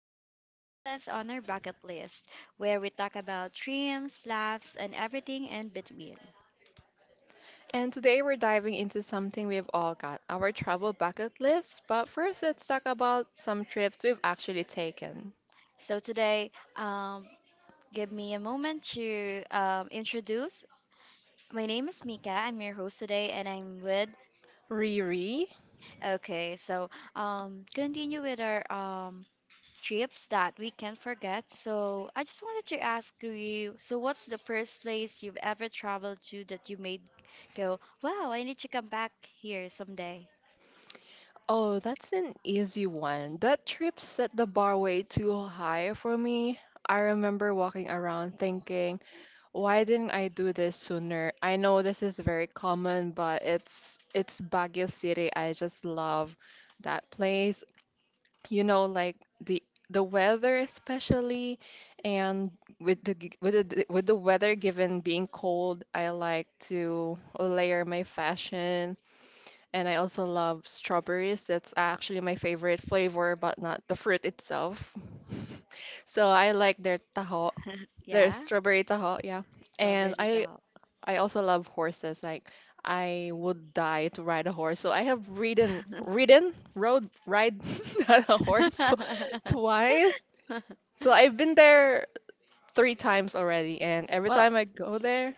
to our Places on Our Bucket List, where we talk about dreams, laughs, and everything in between. And today we're diving into something we've all got our travel bucket list. But first, let's talk about some trips we've actually taken. So today, um, give me a moment to introduce. My name is Mika. I'm your host today, and I'm with. Riri? Okay, so continue with our trips that we can't forget. So I just wanted to ask you, so what's the first place you've ever traveled to that you made go, wow, I need to come back here someday? Oh, that's an easy one. That trip set the bar way too high for me. I remember walking around thinking, why didn't I do this sooner? I know this is very common, but it's Baguio City. I just love that place. Like the the weather, especially. And with the g- with the d- with the weather given, being cold, I like to layer my fashion. And I also love strawberries. That's actually my favorite flavor, but not the fruit itself. So I like their taho, their Yeah, strawberry taho. Yeah, and strawberry I top. I also love horses. Like, I would die to ride a horse. So I have ridden, ridden, rode, ride a horse to, twice. So I've been there three times already, and every Well, time I go there,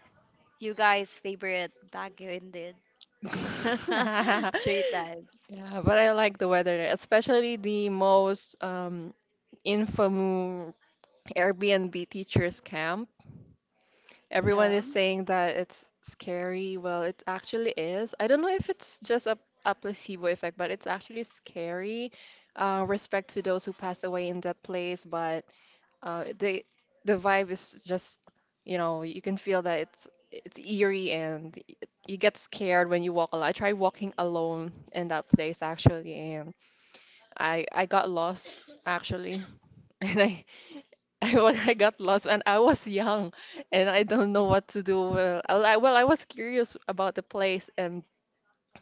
you guys' favorite Baguio indeed. yeah. Three times. But I like the weather there, especially the most infamous Airbnb teachers camp. Everyone Oh, is saying that it's scary. Well, it actually is. I don't know if it's just a placebo effect, but it's actually scary. Respect to those who passed away in that place, but uh, the the vibe is just, you can feel that it's eerie, and you get scared when you walk alone. I tried walking alone in that place actually, and I got lost, actually. And I I got lost, and I was young, and I don't know what to do. Well, I was curious about the place. And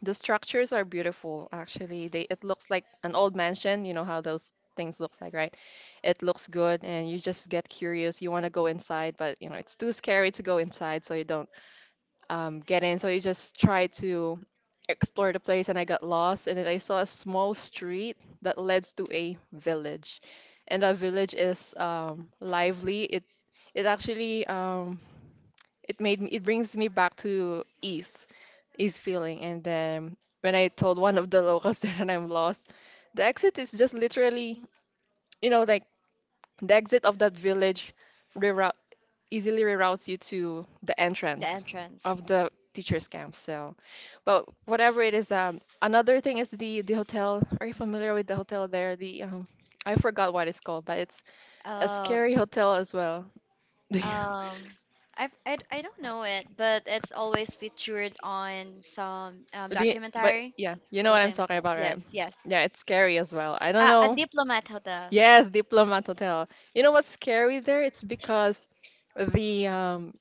the structures are beautiful, actually. They, it looks like an old mansion. You know how those things looks like, right? It looks good, and you just get curious. You want to go inside, but it's too scary to go inside, so you don't get in. So I just tried to explore the place and I got lost. And then I saw a small street that leads to a village. And that village is lively. It actually, it brings me back to ease feeling. And then when I told one of the locals that I'm lost, the exit is just literally, like the exit of that village reroute easily reroutes you to the the entrance entrance. of the teachers camp. So but whatever it is, another thing is the hotel. Are you familiar with the hotel there, the I forgot what it's called, but it's a Oh, scary hotel as well. do you, Um, I've, I don't know it, but it's always featured on some but documentary, yeah, you know what I'm something like talking that. about, right? Yes, yes. Yeah, it's scary as well. I don't A know. diplomat hotel. Yes, diplomat hotel. You know what's scary there? It's because the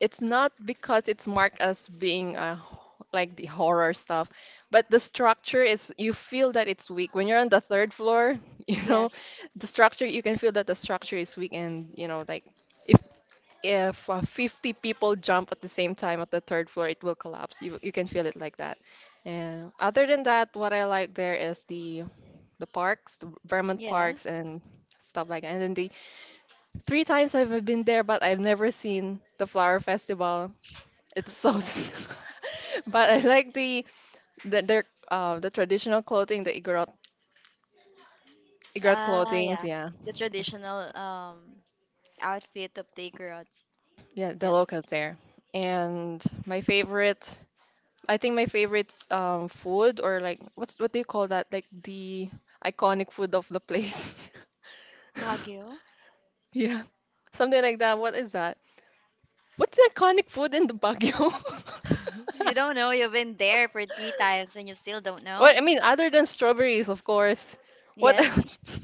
it's not because it's marked as being like the horror stuff, but the structure is, you feel that it's weak when you're on the third floor. You know, Yes, you can feel that the structure is weak, and like if if 50 people jump at the same time at the third floor, it will collapse. You can feel it like that. And other than that, what I like there is the parks, the Vermont parks, yes. and stuff like that. And then the three times I've been there, but I've never seen the flower festival. It's so, but I like the their the traditional clothing, the Igorot Ah, clothings. yeah. Yeah, The traditional outfit of the Igorots. yeah, the locals Yes. there. And my favorite, I think my favorite food, or like what do you call that? Like the iconic food of the place. Baguio. Yeah, something like that. What is that? What's the iconic food in the Baguio? You don't know. You've been there for three times and you still don't know. Well, I mean, other than strawberries, of course. What Yes. else?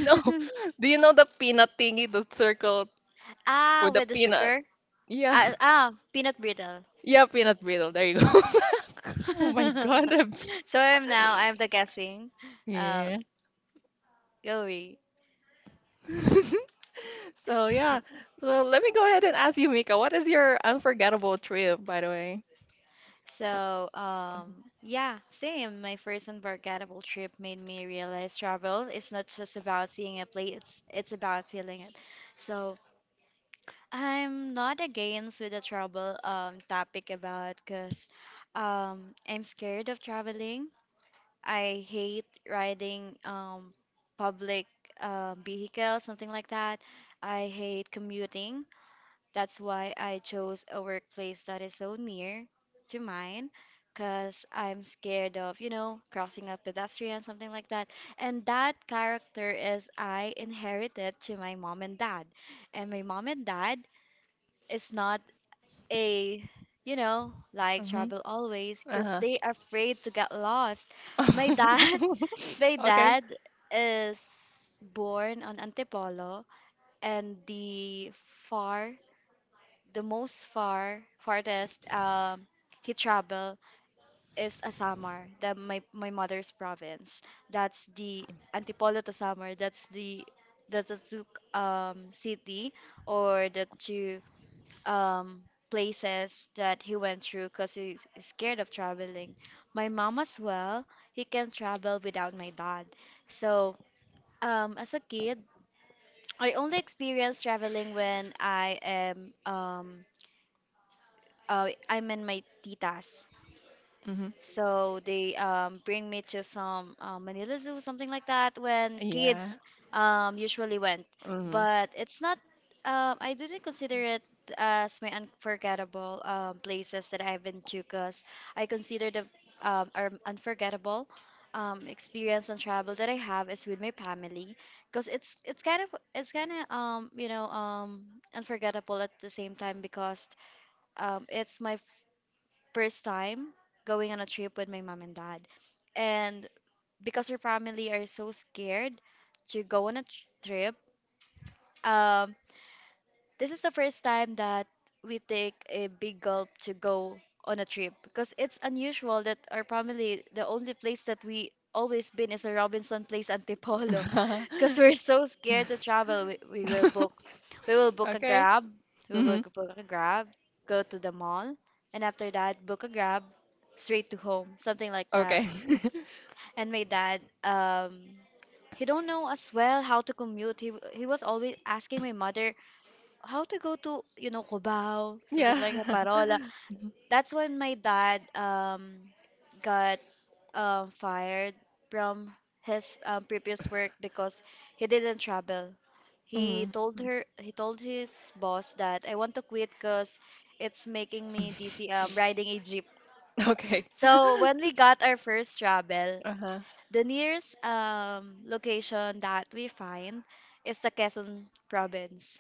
No. Do you know the peanut thingy, the circle Ah, with the with the peanut? sugar? Yeah. Ah, ah peanut brittle. Yeah, peanut brittle. There you go. Oh my God. So I'm now, I'm the guessing. Uh, Yeah. Goey. So yeah. So let me go ahead and ask you, Mika, what is your unforgettable trip, by the way? So, yeah, same. My first unforgettable trip made me realize travel is not just about seeing a place, it's about feeling it. So, I'm not against with the travel topic about because I'm scared of traveling. I hate riding public vehicles, something like that. I hate commuting. That's why I chose a workplace that is so near to mine, because I'm scared of, you know, crossing a pedestrian, something like that. And that character is I inherited to my mom and dad. And my mom and dad is not a, you know, like Mm-hmm. trouble always, because Uh-huh. they are afraid to get lost. My dad my Okay. dad is born on Antipolo, and the far, the most far, farthest he traveled is Asamar, the, my mother's province. That's the Antipolo to Samar. That's the two city or the two um, places that he went through because he's scared of traveling. My mom as well, he can travel without my dad. So as a kid, I only experienced traveling when I am I'm in my titas. Mm-hmm. So they bring me to some Manila Zoo, something like that, when Yeah. kids usually went. Mm-hmm. But it's not, I didn't consider it as my unforgettable places that I've been to because I consider the our unforgettable experience and travel that I have is with my family because it's kind of, you know unforgettable at the same time because it's my first time going on a trip with my mom and dad. And because her family are so scared to go on a trip, um, this is the first time that we take a big gulp to go on a trip because it's unusual that our family, the only place that we always been is a Robinson Place Antipolo. Because we're so scared to travel. We will book a Okay. grab. We will Mm-hmm. book a grab, go to the mall, and after that book a grab straight to home, something like that. Okay. And my dad he don't know as well how to commute. He was always asking my mother how to go to, you know, Cubao, something Yeah. like a Parola. That's when my dad got fired from his previous work because he didn't travel. Mm. Mm. He told his boss that I want to quit because it's making me dizzy riding a jeep. Okay. So when we got our first travel, Uh-huh. the nearest location that we find is the Quezon province.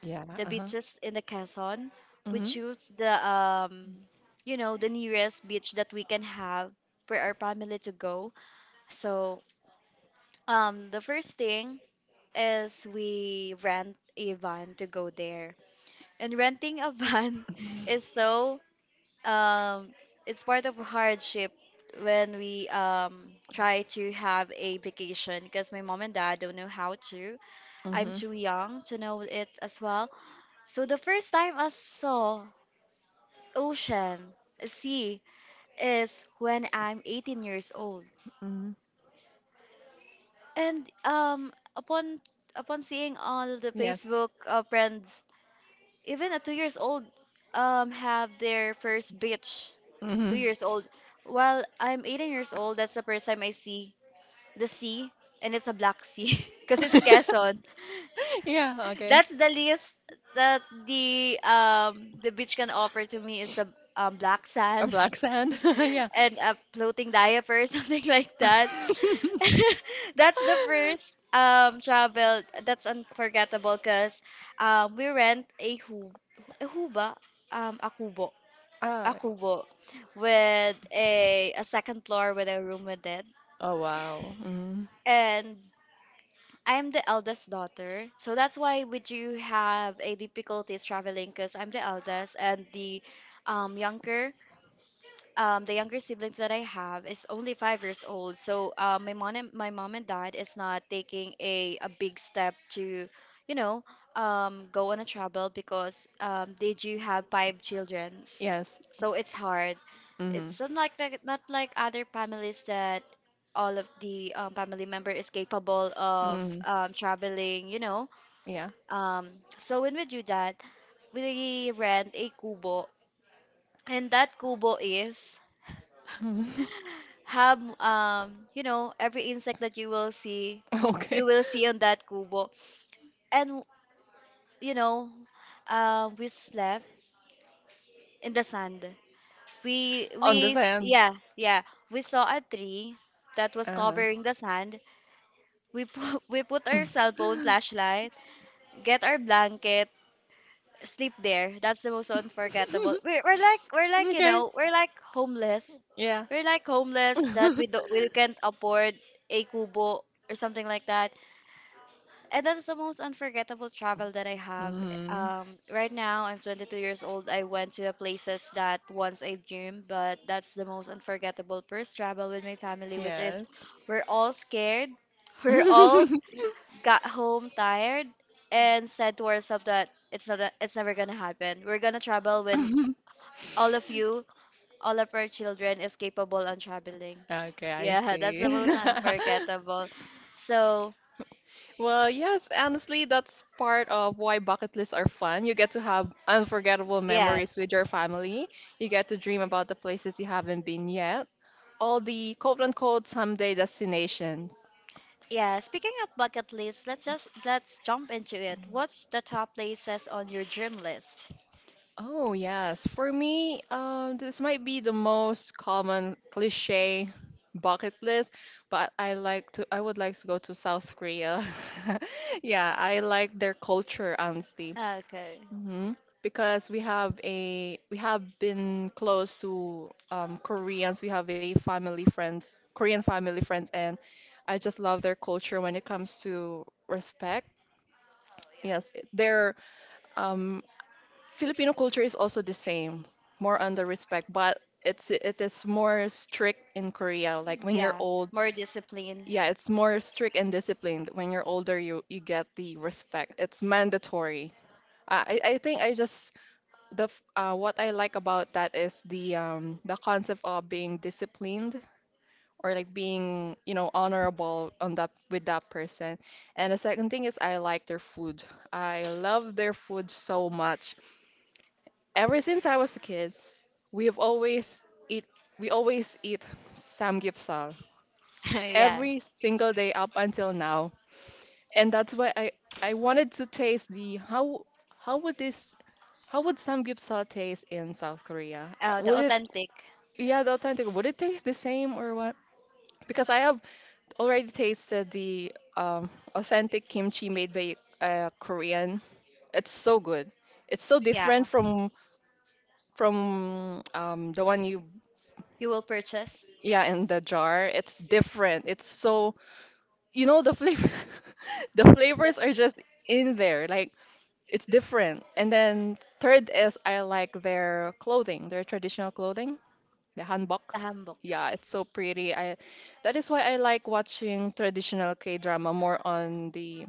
Yeah. The Uh-huh. beaches in the Quezon, we Mm-hmm. choose the you know the nearest beach that we can have for our family to go. So the first thing is we rent a van to go there. And renting a van is so um it's part of hardship when we try to have a vacation because my mom and dad don't know how to. I'm Mm-hmm. too young to know it as well. So the first time I saw ocean, sea is when I'm 18 years old. Mm-hmm. And upon seeing all the Yes. Facebook friends even a 2 years old have their first beach two Mm-hmm. years old while I'm 18 years old, that's the first time I see the sea, and it's a black sea because it's Quezon. Yeah. Okay. That's the least that the beach can offer to me is the black A sand black sand. Yeah. and a floating diaper, something like that. That's the first travel that's unforgettable because we rent a hu a huba a kubo, a Ah, kubo with a second floor with a room with it, oh wow. Hmm. and I'm the eldest daughter, so that's why we do have a difficulties traveling because I'm the eldest, and the younger the younger siblings that I have is only 5 years old. So my mom and dad is not taking a big step to, you know, go on a travel because they do have five childrens. Yes. So it's hard. Hmm. Hmm. It's not like that, not like other families that all of the family member is capable of traveling. You know, Yeah. um, so when we do that, we rent a kubo, and that kubo is Hmm. have you know every insect that you will see, Okay. you will see on that kubo. And you know we slept in the sand. On the sand. Yeah yeah, we saw a tree that was Uh-huh. covering the sand. We put, we put our cell phone flashlight, get our blanket, sleep there. That's the most unforgettable. We're like you Okay. know we're like homeless. Yeah. We're like homeless that we can't afford a kubo or something like that. And that's the most unforgettable travel that I have. Mm-hmm. Right now I'm 22 years old. I went to the places that once I dreamed, but that's the most unforgettable first travel with my family, which is Yes. we're all scared. We're all got home tired and said to ourselves that it's never gonna happen. We're gonna travel when all of you, all of our children is capable on traveling. Okay, I Yeah, that's the see. most unforgettable. So Well, yes, honestly, that's part of why bucket lists are fun. You get to have unforgettable memories yes. with your family. You get to dream about the places you haven't been yet. All the quote unquote someday destinations. Yeah, speaking of bucket list, let's jump into it. What's the top places on your dream list? Oh, yes. For me, this might be the most common cliche bucket list, but I would like to go to South Korea. Yeah, I like their culture, honestly. Okay. Hmm. Because we have been close to Koreans. We have a family friends, Korean family friends, and I just love their culture when it comes to respect. Yes, their um, Filipino culture is also the same, more on the respect, but it is more strict in Korea. Like, when you're Yeah. old, More discipline. yeah, it's more strict and disciplined. When you're older, you get the respect. It's mandatory. I think, I just the f- what I like about that is the concept of being disciplined, or like being honorable on that with that person. And the second thing is I like their food. I love their food so much. Ever since I was a kid, we have always eat we always eat samgyeopsal yeah. every single day up until now. And that's why I wanted to taste the how would this how would samgyeopsal taste in South Korea? Oh, the Would it authentic. Yeah, the authentic. Would it taste the same or what? Because I have already tasted the authentic kimchi made by a Korean. It's so good. It's so Yeah. different from the one you You will purchase yeah, in the jar. It's different. It's so the flavor the flavors are just in there. Like, it's different. And then third is I like their clothing, their traditional clothing, the the hanbok. hanbok. Yeah, it's so pretty. I that is why I like watching traditional K-drama. More on the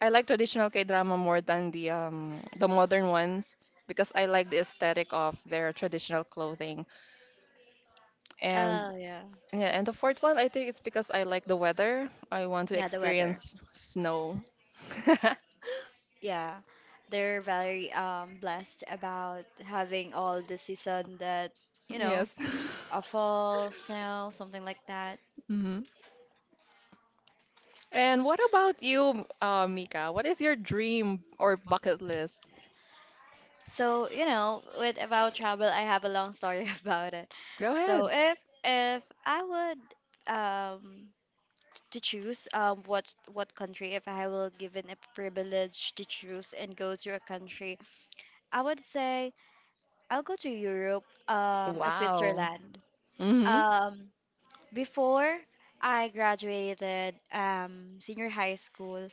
I like traditional K-drama more than the modern ones because I like the aesthetic of their traditional clothing. And Oh yeah. Yeah, and the fourth one, I think it's because I like the weather. I want to Yeah, the weather. experience snow. Yeah. They're very blessed about having all the season that, you know, Yes. a fall, snow, something like that. Hmm. And what about you, Mika? What is your dream or bucket list? So, you know, with about travel, I have a long story about it. Go So ahead. if I would um to choose what country if I will given a privilege to choose and go to a country, I would say I'll go to Europe, Wow. Switzerland. Mm-hmm. Um, before I graduated senior high school,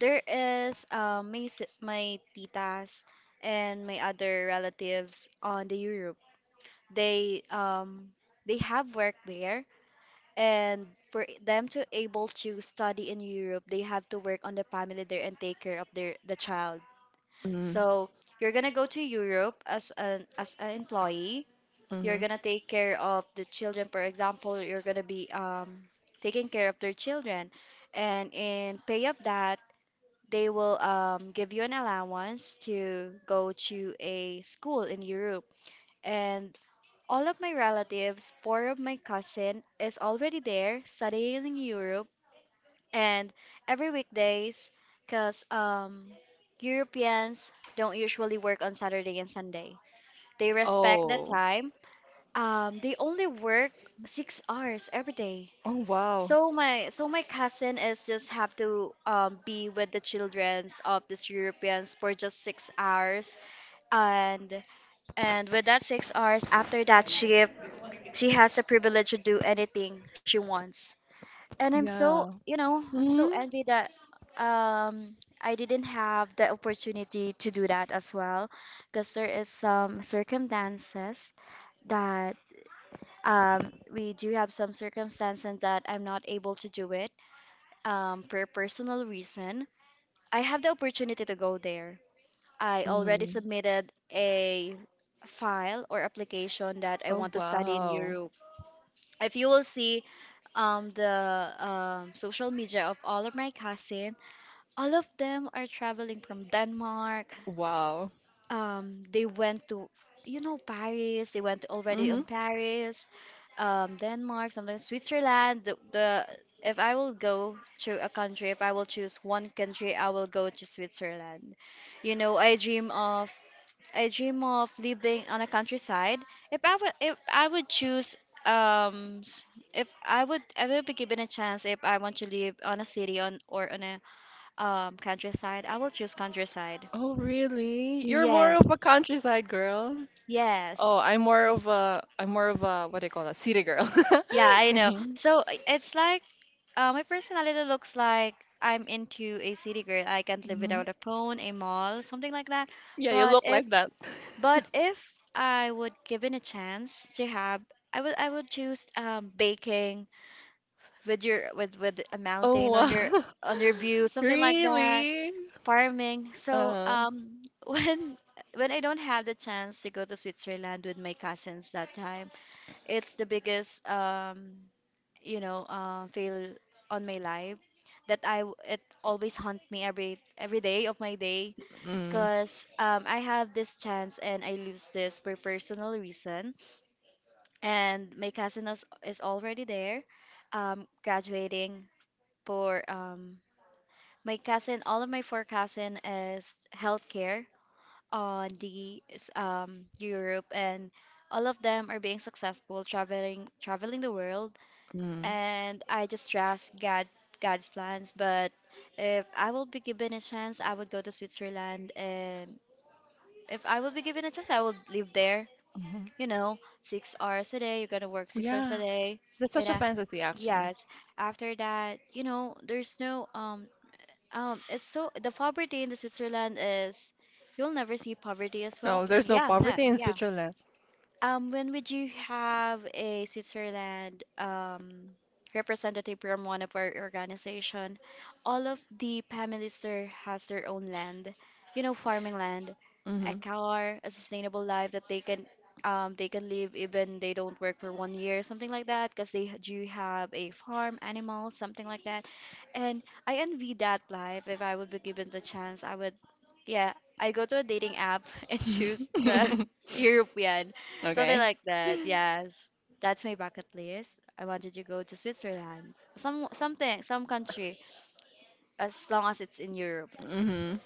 there is my titas and my other relatives on the Europe. They um, they have work there, and for them to able to study in Europe, they have to work on the family there and take care of the child. Mm-hmm. So you're gonna go to Europe as an employee, you're Mm-hmm. gonna take care of the children. For example, you're gonna be taking care of their children, and in pay of that, they will give you an allowance to go to a school in Europe. And all of my relatives, four of my cousin, is already there studying in Europe, and every weekdays, cause Europeans don't usually work on Saturday and Sunday. They respect the Oh. time, they only work 6 hours every day. Oh, wow. So my cousin is just have to be with the childrens of these Europeans for just 6 hours, and and with that 6 hours after that shift, she has the privilege to do anything she wants. And I'm so, Yeah. you know, I'm so Mm-hmm. envy that um, I didn't have the opportunity to do that as well, because there is some circumstances that I'm not able to do it for personal reason. I have the opportunity to go there. I already Mm-hmm. submitted a file or application that I Oh, want to study in wow. Europe. If you will see the social media of all of my cousin, all of them are traveling from Denmark. Wow. They went to, you know, Paris. They went already Mm-hmm. in Paris, Denmark, something, Switzerland. The if I will go to a country, if I will choose one country, I will go to Switzerland. You know, I dream of living on a countryside. If I would choose um s- if I would I will be given a chance if I want to live on a city on or on a countryside, I will choose countryside. Oh, really? You're Yeah. more of a countryside girl. Yes. Oh, I'm more of a, what do you call that? City girl. Yeah, I know. Mhm. It's like my personality looks like I'm into a city girl. I can't live Mhm. without a phone, a mall, something like that. Yeah, you But look if like that. but if I would given a chance to have, I would choose baking with a Oh, mountain wow. On your view, something like that. Really? Farming. So Uh, when I don't have the chance to go to Switzerland with my cousins that time. It's the biggest, fail on my life that it always haunt me every day of my day mm, because I have this chance and I lose this for personal reason. And my cousin is already there, graduating for my cousin. All of my four cousin is healthcare on the Europe, and all of them are being successful traveling the world, mm, and I just trust God God's plans. But if I will be given a chance, I would go to Switzerland, and if I would be given a chance, I would live there. mhm. You know, 6 hours a day. You're gonna work 6 hours a Yeah, day, that's and such a fantasy, actually. yes, after that, you know, there's no um. It's so the poverty in the Switzerland is you'll never see poverty as well. No, there's no Yeah, yeah, nah, poverty in yeah. Switzerland. When would you have a Switzerland representative from one of our organization? All of the families there has their own land, you know, farming land, a Hmm. car, a sustainable life that they can live even they don't work for 1 year, something like that, because they do have a farm, animal, something like that. And I envy that life. If I would be given the chance, I would, yeah, I go to a dating app and choose the European something Okay. like that. Yes. That's my bucket list. I wanted to go to Switzerland. Some something, some country as long as it's in Europe. Hmm.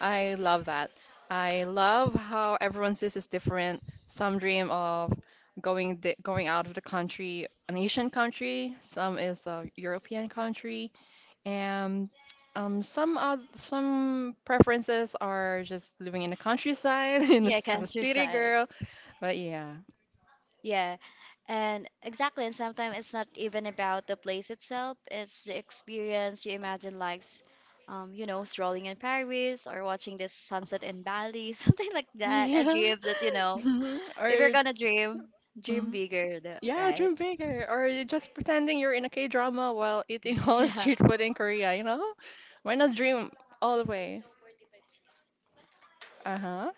I love that. I love how everyone's this is different. Some dream of going out of the country, an Asian country. Some is a European country, and some preferences are just living in the countryside, Yeah, a city countryside. girl. But yeah. Yeah. And exactly, and sometimes it's not even about the place itself, it's the experience you imagine you know, strolling in Paris or watching this sunset in Bali, something like that. A Yeah. dream that, you know, if you're Or gonna dream, dream Mhm. bigger, Yeah, right? dream bigger. Or you just pretending you're in a K drama while eating all the Yeah. street food in Korea, you know? Why not dream all the way? Uh-huh.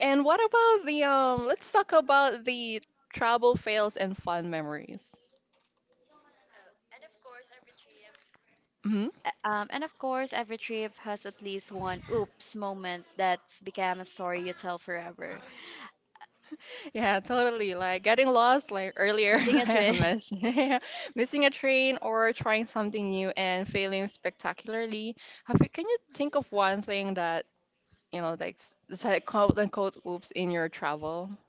And what about the let's talk about the travel fails and fun memories. Mm-hmm. And of course, every trip has at least one oops moment that's become a story you tell forever. Yeah, totally. Like getting lost, like earlier Missing a I had trip. mentioned, yeah, missing a train or trying something new and failing spectacularly. Can you think of one thing that, like, it's like quote unquote oops in your travel?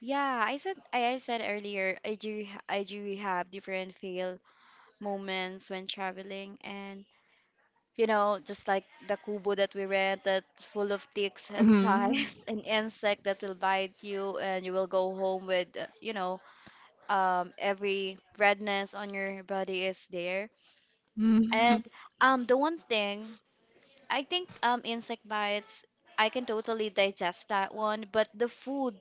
Yeah, I said earlier I I do have different fail moments when traveling, and you know, just like the kubo that we rented full of ticks and Mhm. flies and insect that will bite you, and you will go home with you know, every redness on your body is there. Mhm. And the one thing I think, insect bites, I can totally digest that one. But the food,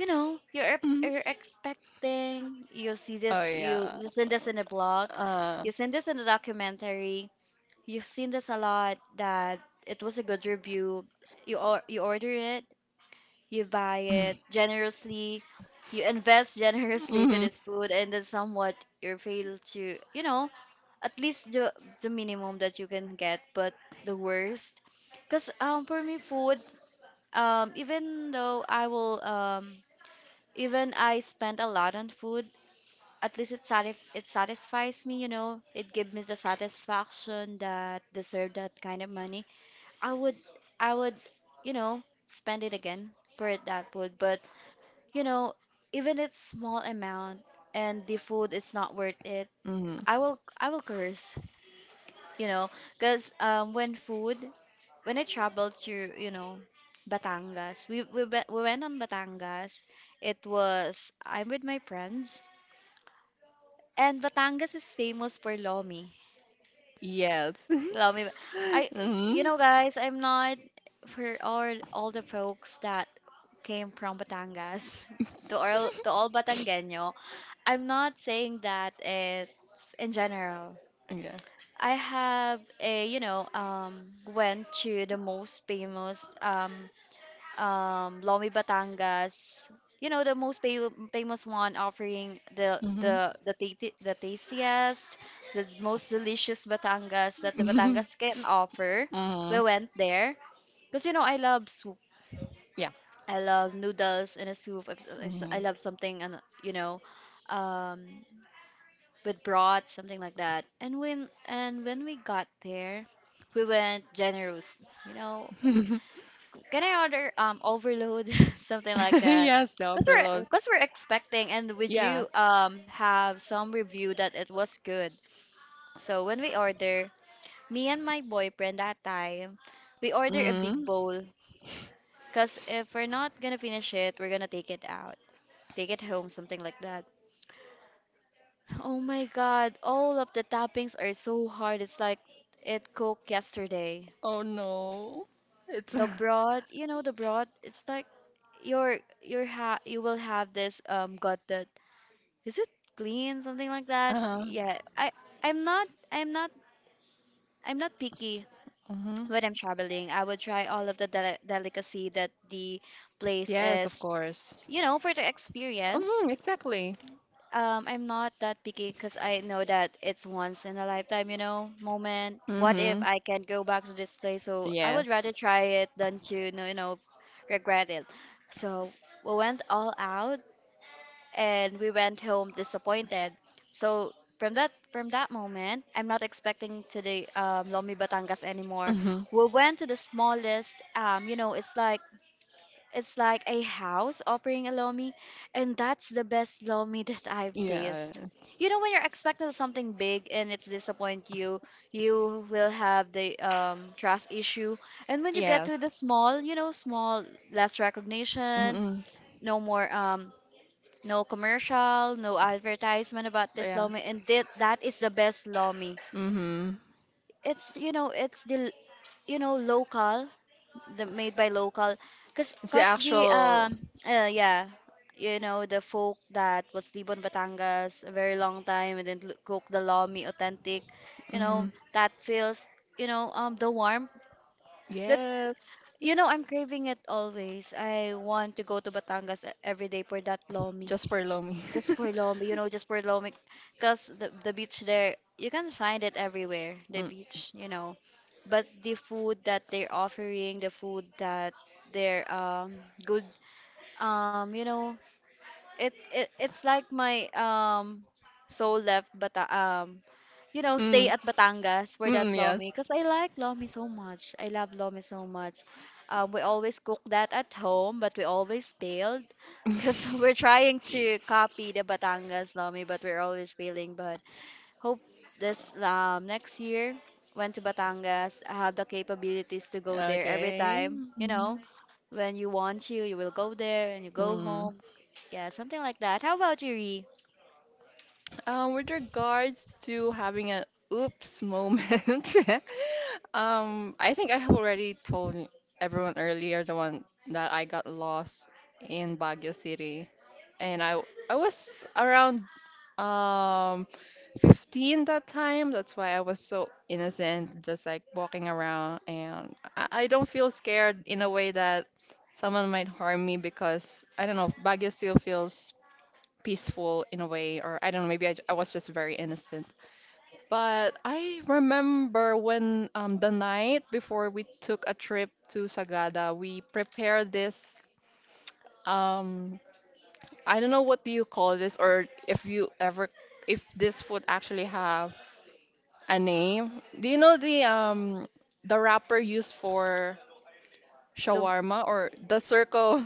you know, Mhm. you're expecting. You see Oh, this, you yeah. you seen this in a blog, Uh, you seen this in a documentary. You've seen this a lot that it was a good review. You order it, you buy it generously, you invest generously to hmm. this food, and then somewhat you fail to, you know, at least the minimum that you can get, but the worst because for me food, even though I will even I spend a lot on food, at least it satisfies me. You know, it gives me the satisfaction that deserve that kind of money. I would i would you know, spend it again for it that food. But you know, even it's small amount and the food is not worth it, Hmm. i will curse, you know, because when food, when I traveled to, you know, batangas, we went on batangas. It was I'm with my friends, and batangas is famous for lomi Yes. lomi I You Mhm. know guys, I'm not, for all the folks that came from batangas to all batangueño, I'm not saying that it's in general. Yeah. I have a, you know, went to the most famous, Lomi Batangas. You know, the famous one offering the Mhm. The tastiest, the most delicious Batangas that the Mhm. Batangas can offer. We Mhm. went there because you know I love soup. Yeah. I love noodles in a soup. Mhm. I love something, and you know, um, with broth, something like that. And when we got there, we went generous. You know, can I order overload, something like that? Yes, the Cause upper load. we're cause we're expecting, and would Yeah. you have some review that it was good? So when we order, me and my boyfriend that time, we order a big Mhm. bowl. Cause if we're not gonna finish it, we're gonna take it out, take it home, something like that. Oh my God, all of the toppings are so hard. It's like it cooked yesterday. Oh no. It's The broth, you know, the broth, it's like you will have this got that is it clean something like that? uh-huh. Yeah. I'm not I'm not picky Mhm. when I'm traveling. I would try all of the delicacy that the place Yes, of is, course. you know, for the experience. Mhm, exactly. I'm not that picky because I know that it's once in a lifetime, you know, moment. What if Mm-hmm. I can go back to this place? So I would Yes. rather try it than to, you know, regret it. So we went all out, and we went home disappointed. So from that moment, I'm not expecting to the Lomi Batangas anymore. Mm-hmm. We went to the smallest, you know, it's like a house offering a lomi, and that's the best lomi that I've tasted. Yes. You know, when you're expecting something big and it's disappoint you, you will have the trust issue. And when you get to the Yes. small, you know, small, less recognition, Mm-mm. no more, no commercial, no advertisement about this Yeah. lomi, and that is the best lomi. Mm-hmm. It's you know, it's the you know local, the made by local, cause It's the cause the actual. Yeah, you know, the folk that was Libon Batangas a very long time, and then cook the lomi authentic, you Mm-hmm. know, that feels, you know, the warmth that, Yes. you know, I'm craving it always. I want to go to Batangas every day for that lomi, Just for Lomi. just for Lomé, you know, just for Lomé, because the beach there, you can find it everywhere, the Mm-mm. beach, you know. But the food that they're offering, the food that they're good, you know, it's like my soul left, but you know stay Mm-mm. at Batangas for that lomi Yes. because I like lomi so much. I love lomi so much. We always cook that at home, but we always failed because we're trying to copy the Batangas lomi, but we're always failing. But hope this next year went to Batangas. I have the capabilities to go there every Okay. time. You Mm-hmm. know, when you want to, you will go there and you go Mm-hmm. home. Yeah, something like that. How about you, Ree? With regards to having an oops moment, I think I have already told everyone earlier the one that I got lost in Baguio City, and I was around um 15 that time. That's why I was so innocent, just like walking around, and I don't feel scared in a way that someone might harm me because I don't know. Baguio still feels peaceful in a way, or I don't know, maybe I was just very innocent. But I remember when the night before we took a trip to Sagada, we prepared this. Um, I don't know what do you call this, or if you ever, if this food actually have a name. Do you know the the wrapper used for Lum- shawarma or the circle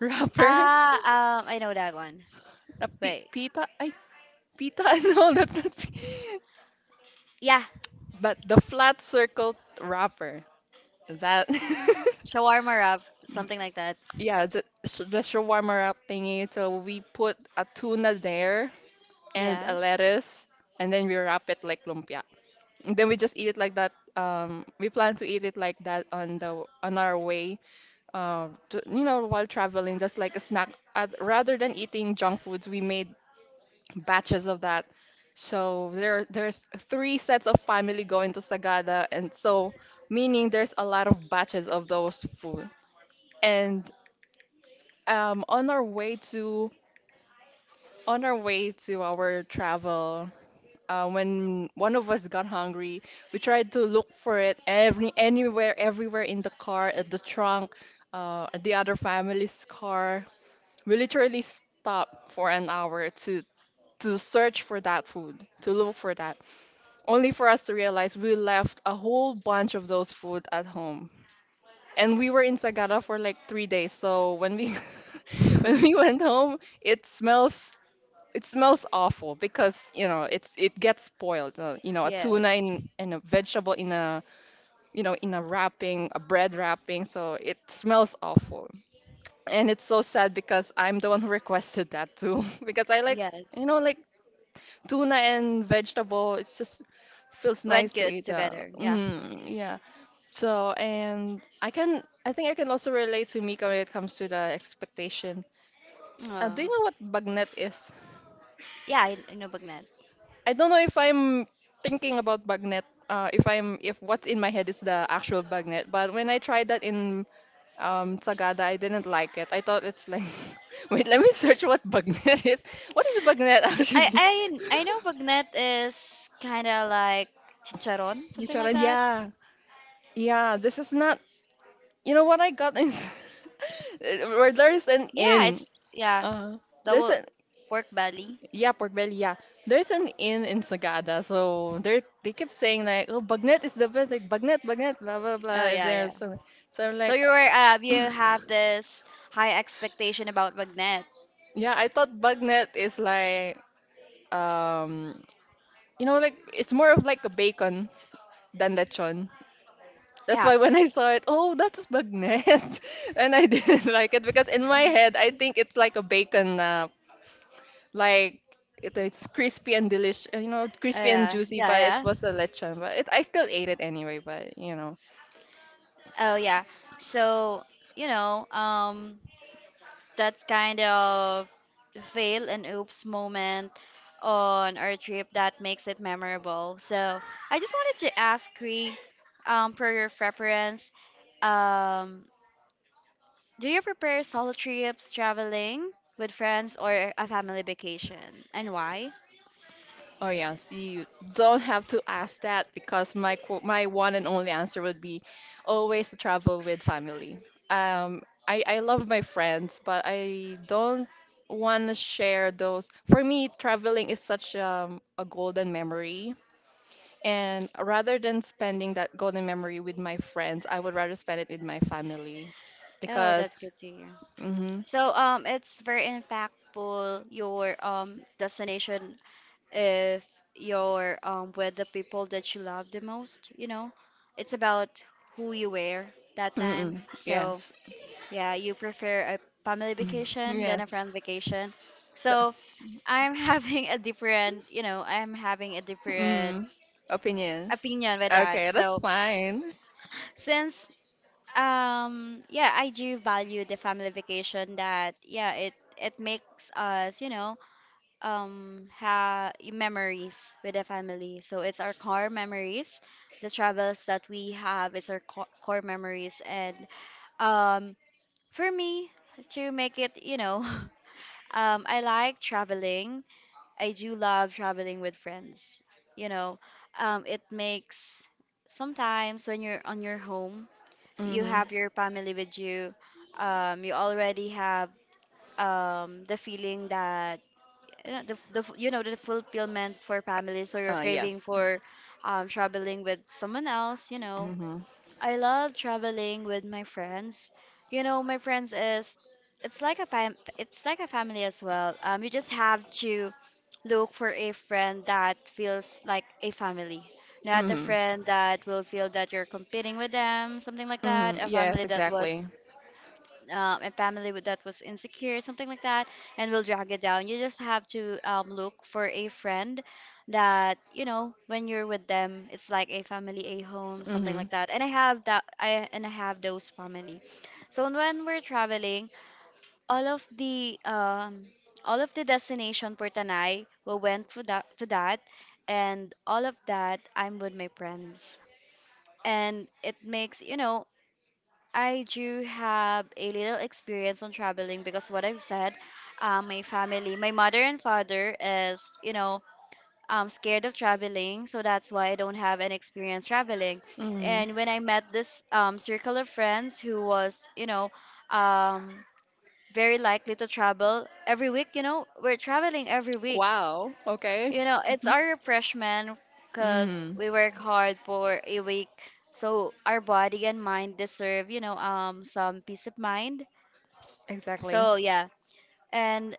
wrapper? Ah, I know that one. Wait, Pita? I pita? No, that's not. Yeah, But the flat circle wrapper, that shawarma wrap, something like that. yeah, the shawarma wrap thingy. So we put a tuna there and a Yes, lettuce, and then we wrap it like lumpia. And then we just eat it like that. We plan to eat it like that on the on our way, to, you know, while traveling, just like a snack. Rather than eating junk foods, we made batches of that. So there's three sets of family going to Sagada, and so meaning there's a lot of batches of those food. And on our way to on our way to our travel when one of us got hungry, we tried to look for it every anywhere, everywhere in the car, at the trunk, at the other family's car. We literally stopped for an hour to search for that food, to look for that, only for us to realize we left a whole bunch of those food at home. And we were in Sagada for like 3 days. So when we when we went home, it smells awful because you know it's it gets spoiled. You know, a tuna yes, in, and a vegetable in a you know in a wrapping, a bread wrapping. So it smells awful, and it's so sad because I'm the one who requested that too because I like yes. you know like tuna and vegetable. It's just feels nice Went to good eat. Together. Yeah. Yeah. So, and I can I think I can also relate to Mika when it comes to the expectation. Oh. Do you know what bagnet is? Yeah, I know Bagnet. I don't know if I'm thinking about bagnet. If I'm if what's in my head is the actual bagnet, but when I tried that in Sagada, I didn't like it. I thought it's like, wait, let me search what bagnet is. What is bagnet I actually? I I know bagnet is kind of like chicharon, something like Chicharon, that. yeah. Yeah, this is not. You know what I got is where there's an Yeah, inn. it's yeah, Uh, there's double an pork belly. yeah, pork belly. Yeah, there's an inn in Sagada. So they kept saying like, oh, bagnet is the best. Like bagnet, bagnet, blah blah Oh blah. yeah, yeah. There's so so I'm So like, you were you have this high expectation about bagnet. yeah, I thought bagnet is like um, you know, like it's more of like a bacon than lechon. That's Yeah. why when I saw it, oh, that's bagnet, and I didn't like it because in my head I think it's like a bacon like it's crispy and delicious, you know, Oh crispy and yeah, juicy, but it yeah, was yeah. a lechon. But it, I still ate it anyway. But you know, Oh yeah. So you know, that kind of fail and oops moment on our trip that makes it memorable. So I just wanted to ask Cree, for your preference, um, do you prepare solo trips, traveling with friends, or a family vacation, and why? oh yeah, see, you don't have to ask that because my one and only answer would be always to travel with family. Um, I love my friends, but I don't want to share those. For me, traveling is such a golden memory. And rather than spending that golden memory with my friends, I would rather spend it with my family Oh, because, that's good to hear. mm-hmm, So it's very impactful your destination if you're with the people that you love the most. You know, it's about who you were that time. mm-mm, So yes, yeah, you prefer a family vacation than a yes. friend vacation. So, So I'm having a different, you know, I'm having a different mm, opinion. opinion with that. Okay, that's So fine. since um yeah, I do value the family vacation. That yeah It makes us, have memories with the family, so it's our core memories, the travels that we have. It's our core memories. And um for me, to make it, I like traveling. I do love traveling with friends, you know it makes, sometimes when you're on your home, you Mm-hmm. have your family with you. You already have the feeling that, you know, you know, the fulfillment for family, so you're craving Yes. for traveling with someone else, you know. Mm-hmm. I love traveling with my friends. You know, my friends is it's like a it's like a family as well. You just have to look for a friend that feels like a family, not a Mm-hmm. friend that will feel that you're competing with them, something like that. Mm-hmm. A Yes, family that was exactly. A that was insecure, something like that, and will drag it down. You just have to, look for a friend that, you know, when you're with them, it's like a family, a home, something like Mm-hmm. that. And I have that. I have those family. So when we're traveling, all of the um, all of the destination for Tanay, we went to that, and all of that, I'm with my friends. And it makes, you know, I do have a little experience on traveling, because what I've said, my family, my mother and father is, you know, scared of traveling, so that's why I don't have an experience traveling. Mm-hmm. And when I met this, circle of friends, who was, you know, um, very likely to travel every week, you know, we're traveling every week. Wow. Okay. You know, it's Mm-hmm. our refreshment, because Mm-hmm. we work hard for a week. So our body and mind deserve, you know, some peace of mind. Exactly. So yeah, and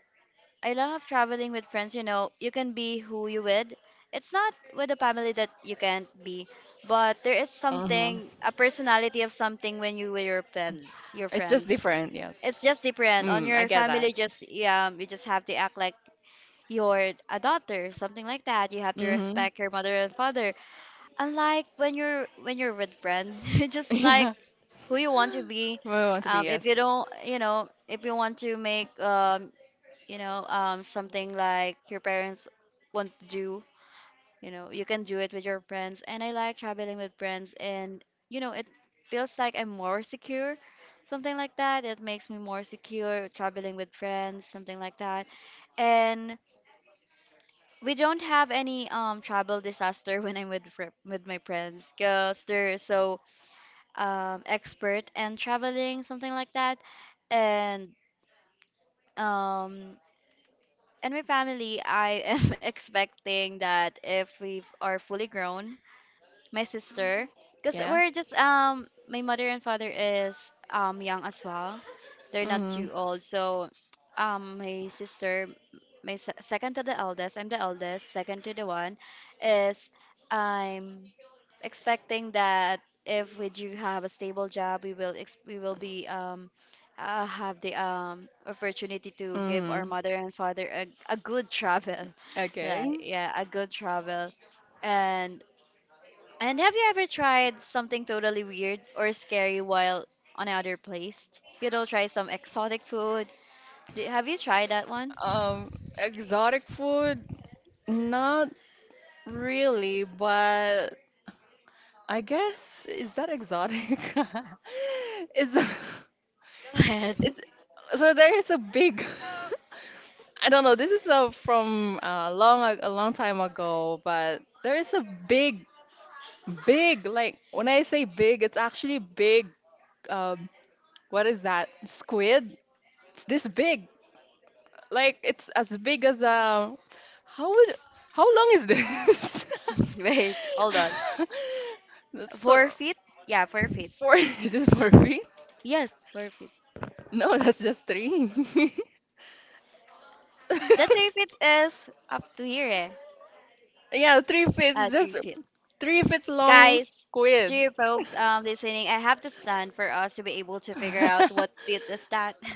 I love traveling with friends. You know, you can be who you with. It's not with a family that you can't be, but there is Mm-hmm. something, a personality of something, when you with your friends, your It's just friends. different, yes. It's just different. On Mm, I your get that. family, just yeah, you just have to act like you're a daughter, something like that. You have to Mm-hmm. respect your mother and father. Unlike when you're with friends, you're just like Yeah, who you want to be. we want to be, If you yes. don't, you know, if you want to make, you know, something like your parents want to do, you know, you can do it with your friends. And I like traveling with friends, and you know, it feels like I'm more secure, something like that. It makes me more secure traveling with friends, something like that. And we don't have any, um, travel disaster when I'm with with my friends because they're so, um, expert and traveling, something like that, and um and my family, I am expecting that, if we are fully grown, my sister, because Yeah. we're just, um, my mother and father is, um, young as well, they're not Mm-hmm. too old. So, um, my sister, my second to the eldest, I'm the eldest, second to the one, is, I'm expecting that if we do have a stable job, we will we will be, um, have the, um, opportunity to give our Mm-hmm. mother and father a good travel Okay. like yeah, a good travel. and and have you ever tried something totally weird or scary while on another place? You know, try some exotic food. Have you tried that one? Um, Exotic food? Not really, but I guess is that exotic? Is Go ahead. it's so there is a big I don't know. This is from long a long time ago, but there is a big, big like when I say big, it's actually big. Um, what is that? Squid. It's this big. Like it's as big as a. How would? How long is this? Wait, hold on. That's so 4 feet? Yeah, 4 feet. four. Is it 4 feet? Yes, 4 feet. No, that's just three. The 3 feet is up to here, eh? Yeah, 3 feet, three just feet. 3 feet long Guys, to squid. you folks, listening, I have to stand for us to be able to figure out what feet is that.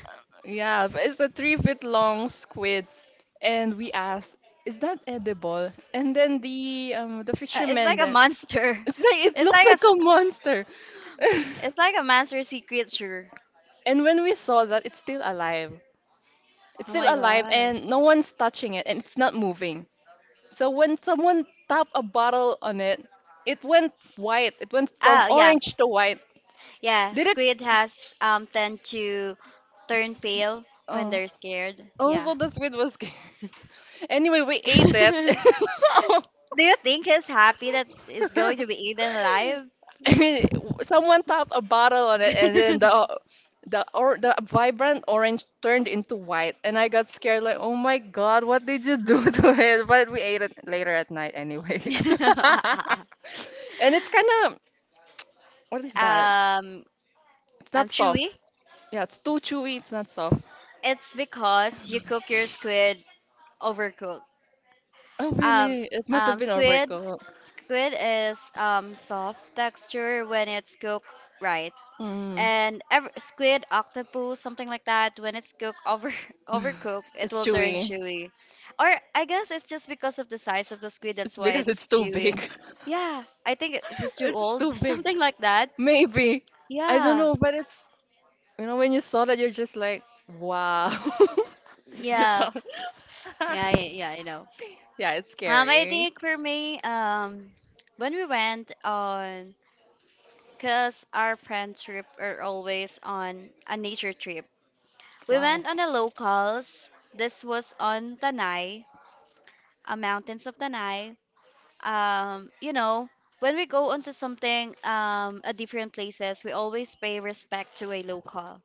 Yeah, but it's a 3 feet long squid, and we asked, "Is that edible?" And then the the it's fisherman like a then, monster. it's like it It's looks like like a monster. it's like a monster sea creature. And when we saw that, it's still alive. It's Oh still my alive, god. and no one's touching it, and it's not moving. So when someone tapped a bottle on it, it went white. It went from Oh yeah, orange to white. yeah. Did it? Squid has, um, tend to turn pale when Oh. they're scared. Oh, Yeah. so the squid was scared. Anyway, we ate it. Do I you think he's happy that is going to be eaten alive? mean, w- someone topped a bottle on it, and then the or the vibrant orange turned into white, and I got scared. Like, oh my god, what did you do to it? But we ate it later at night anyway. And it's kind of what is that? Um, It's not chewy. soft. Yeah, it's too chewy. It's not soft. It's because you cook your squid overcooked. Oh, Um, really? It must have um, been a squid, workout. squid is, um, soft texture when it's cooked right. Mm. and ev squid, octopus, something like that, when it's cooked over overcooked, it It's will turn chewy. chewy. Or I guess it's just because of the size of the squid, It's that's why because it's it's too chewy. big. Yeah, I think it- he's too It's old, too big. something like that. Maybe. I don't Yeah, know, but it's, you know, when you saw that, you're just like, wow. Is this yeah, on? yeah, yeah, yeah, I know. Yeah, it's I scary. think for me, when we went on, cause our friend trip are always on a nature trip. We Wow. went on a locals. This was on Tanay Mountains of Tanai. You know, when we go onto something at different places, we always pay respect to a local.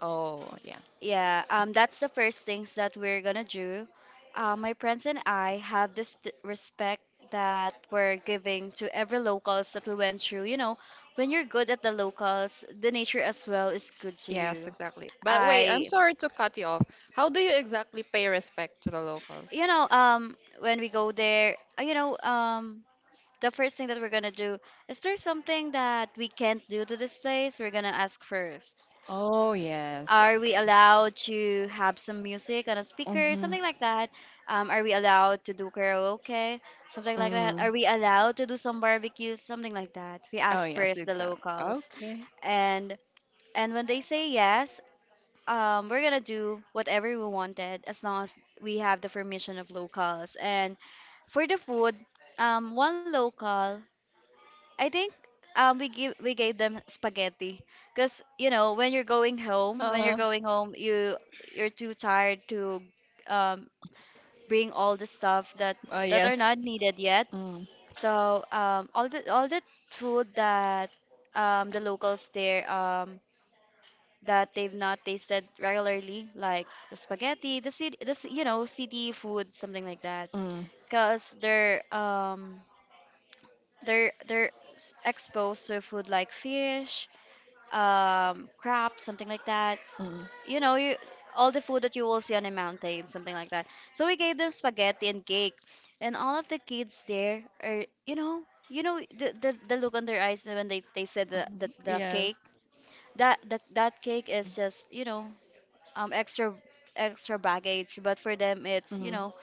Oh, yeah. Yeah, that's the first things that we're gonna do. My friends and I have this t- respect that we're giving to every locals that we went through. You know, when you're good at the locals, the nature as well is good to Yes, you. exactly. But wait, I'm I, sorry to cut you off. How do you exactly pay respect to the locals? you know, when we go there, you know, the first thing that we're gonna do is, there something that we can't do to this place? We're gonna ask first. Oh, yes. Are we Okay. allowed to have some music on a speaker, Mm-hmm. something like that? Are we allowed to do karaoke, something like that? Mm. Are we allowed to do some barbecues, something like that? We Oh, ask yes, first the exactly. locals, Okay. and and when they say yes, we're gonna do whatever we wanted, as long as we have the permission of locals. And for the food, one local, I think, um, we gave them spaghetti, because, you know, when you're Uh, going home, you you're too tired to, um, bring all the stuff that that are yes. not needed yet. Mm, So, um, all the food that, um, the locals there, um, that they've not tasted regularly, like the spaghetti, the you know, city food, something like that, mm, because they're, um, they're exposed to food like fish, crab, something like that. mm. You know, you, all the food that you will see on a mountain, something like that. So we gave them spaghetti and cake, and all of the kids there are, you know the the look on their eyes when they said the cake. Yes. That that cake is just, you know, um, extra, extra baggage, but for them it's, you Mm. know,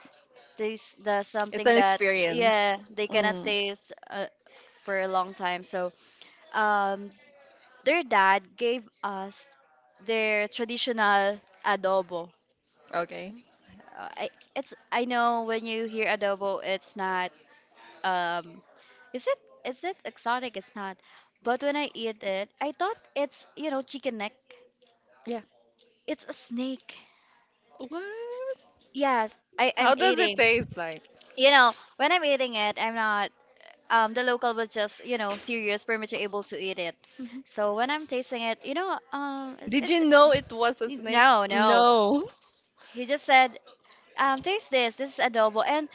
this the It's something an that experience. yeah they cannot Mm. taste for a long time. So, um, their dad gave us their traditional adobo. Okay. I, it's, I know when you hear adobo, it's not, um, is it, is it exotic? It's not. But when I eat it, I thought it's, you know, chicken neck. Yeah. It's a snake. What? Yes, I'm How does it eating. taste like? You know, when I'm eating it, I'm not. The local was just, you know, serious, pretty able to eat it. So when I'm tasting it, you know, Did it, you know it was a it- snake? no, no. No. He just said, taste this. This is adobo. And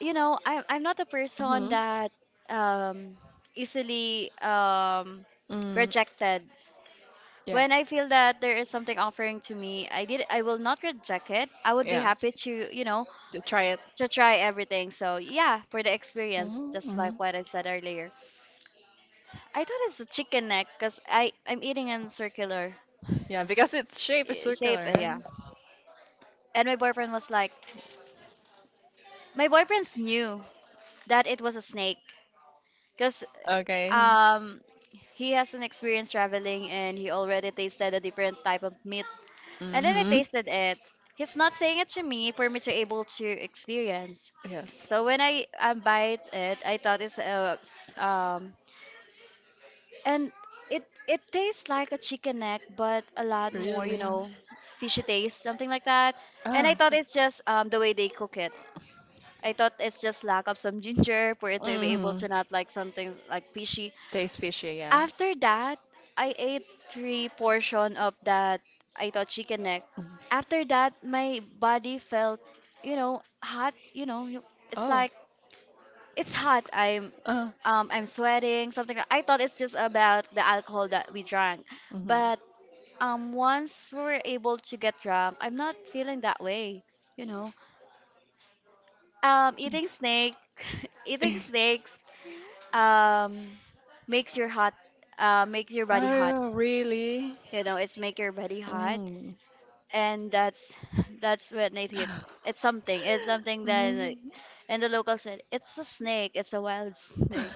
you know, I'm not a person Mm-hmm. that, um, easily, um, Mm. rejected. Yeah. When I feel that there is something offering to me, I did I will not reject it. I would be Yeah. happy to, you know, To try it. to try everything. So yeah, for the experience, Mhm, just mhm. like what I said earlier. I thought it's a chicken neck because I'm eating in circular, uh, Yeah, because its shape is shape. Uh, circular, right? yeah, and my boyfriend was like, my boyfriend's knew that it was a snake. Because, Okay. um, he has an experience traveling and he already tasted a different type of meat. And then I Mm-hmm. tasted it. He's not saying it to me, for me to able to experience. Yes. So when I, bite it, I thought it's, and it it tastes like a chicken neck, but a lot more, you Really? know, fishy taste, something like that. And I Ah. thought it's just, the way they cook it. I thought it's just lack of some ginger for it to be able Mm-hmm. to not like something like fishy. Tastes fishy, yeah. After that, I ate three portion of that I thought chicken neck. Mhm. After that, my body felt, you know, hot. You know, you- it's Oh. like it's hot. Uh, I'm sweating. Something, like- I thought it's just about the alcohol that we drank, mm-hmm. but, once we were able to get drunk, I'm not feeling that way. You know, eating snake, eating snakes, um, makes your hot, makes your body hot, Oh, really? you know, it's make your body hot. Mm. And that's that's when it hit. It's something, it's something that like, Mm. and the local said it's a snake, it's a wild snake.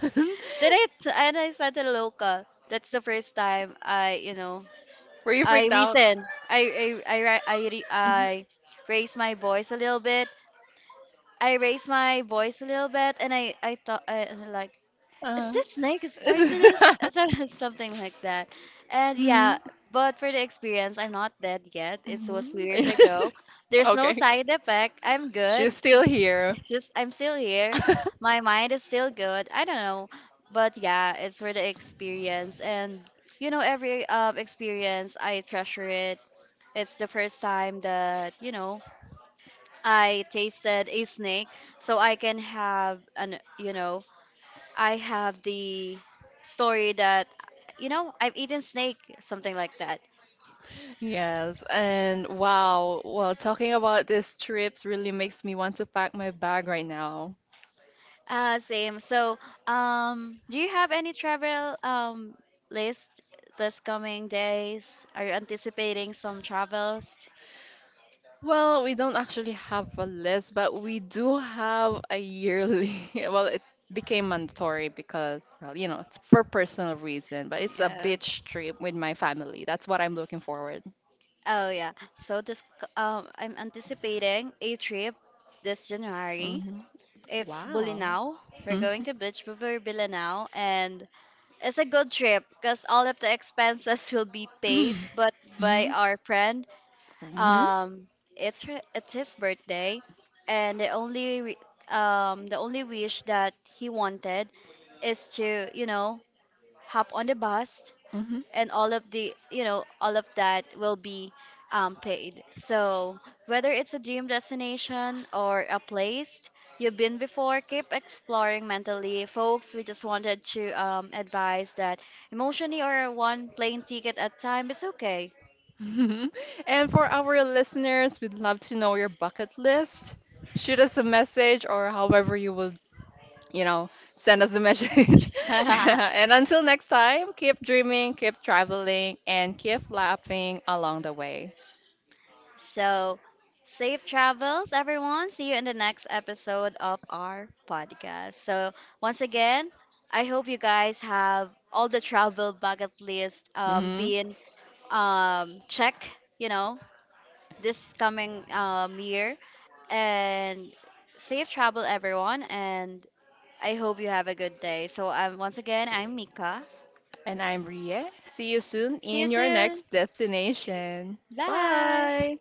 And I said to the local, that's the first time I, you know, Were you I freaked out? reason I ra- I, re- Mhm. I raised my voice a little bit. I raised my voice a little bit, and I thought I, like, is Uh. this snake is poisonous? So- Something like that. And yeah, Mhm. but for the experience, I'm not dead yet. It was two Mhm. years ago. There's no Okay. side effect. I'm good. She's still here. Just I'm still here. My mind is still good. I don't know. But yeah, it's for the experience. And you know, every, experience, I treasure it. It's the first time that, you know, I tasted a snake, so I can have an, you know, I have the story that, you know, I've eaten snake, something like that. Yes, and wow, well, talking about these trips really makes me want to pack my bag right now. Same. So, do you have any travel, um, list this coming days? Are you anticipating some travels? Well, we don't actually have a list, but we do have a yearly. Well, it became mandatory because, well, you know, it's for personal reason, but it's a Yeah. beach trip with my family. That's what I'm looking forward. Oh yeah. So um, I'm anticipating a trip this January. Hmm. It's Wow. Bulinaw. We're Mhm. going to Beach River Bulinaw. And it's a good trip because all of the expenses will be paid, but by our friend. Mhm. Um, it's his birthday, and um, the only wish that he wanted is to, you know, hop on the bus, Mhm. and all of the, you know, all of that will be, paid. So whether it's a dream destination or a place you've been before, keep exploring mentally, folks, we just wanted to, advise that emotionally, or one plane ticket at a time is okay. And for our listeners, we'd love to know your bucket list. Shoot us a message or however you will, you know, send us a message. And until next time, keep dreaming, keep traveling, and keep laughing along the way. So safe travels everyone, see you in the next episode of our podcast. So, once again, I hope you guys have all the travel bucket list, Mhm. being, um, check, you know, this coming, um, year. And safe travel everyone, and I hope you have a good day. So, once again, I'm Mika. And I'm Rie. See you soon See you in your soon. next destination. Bye. Bye.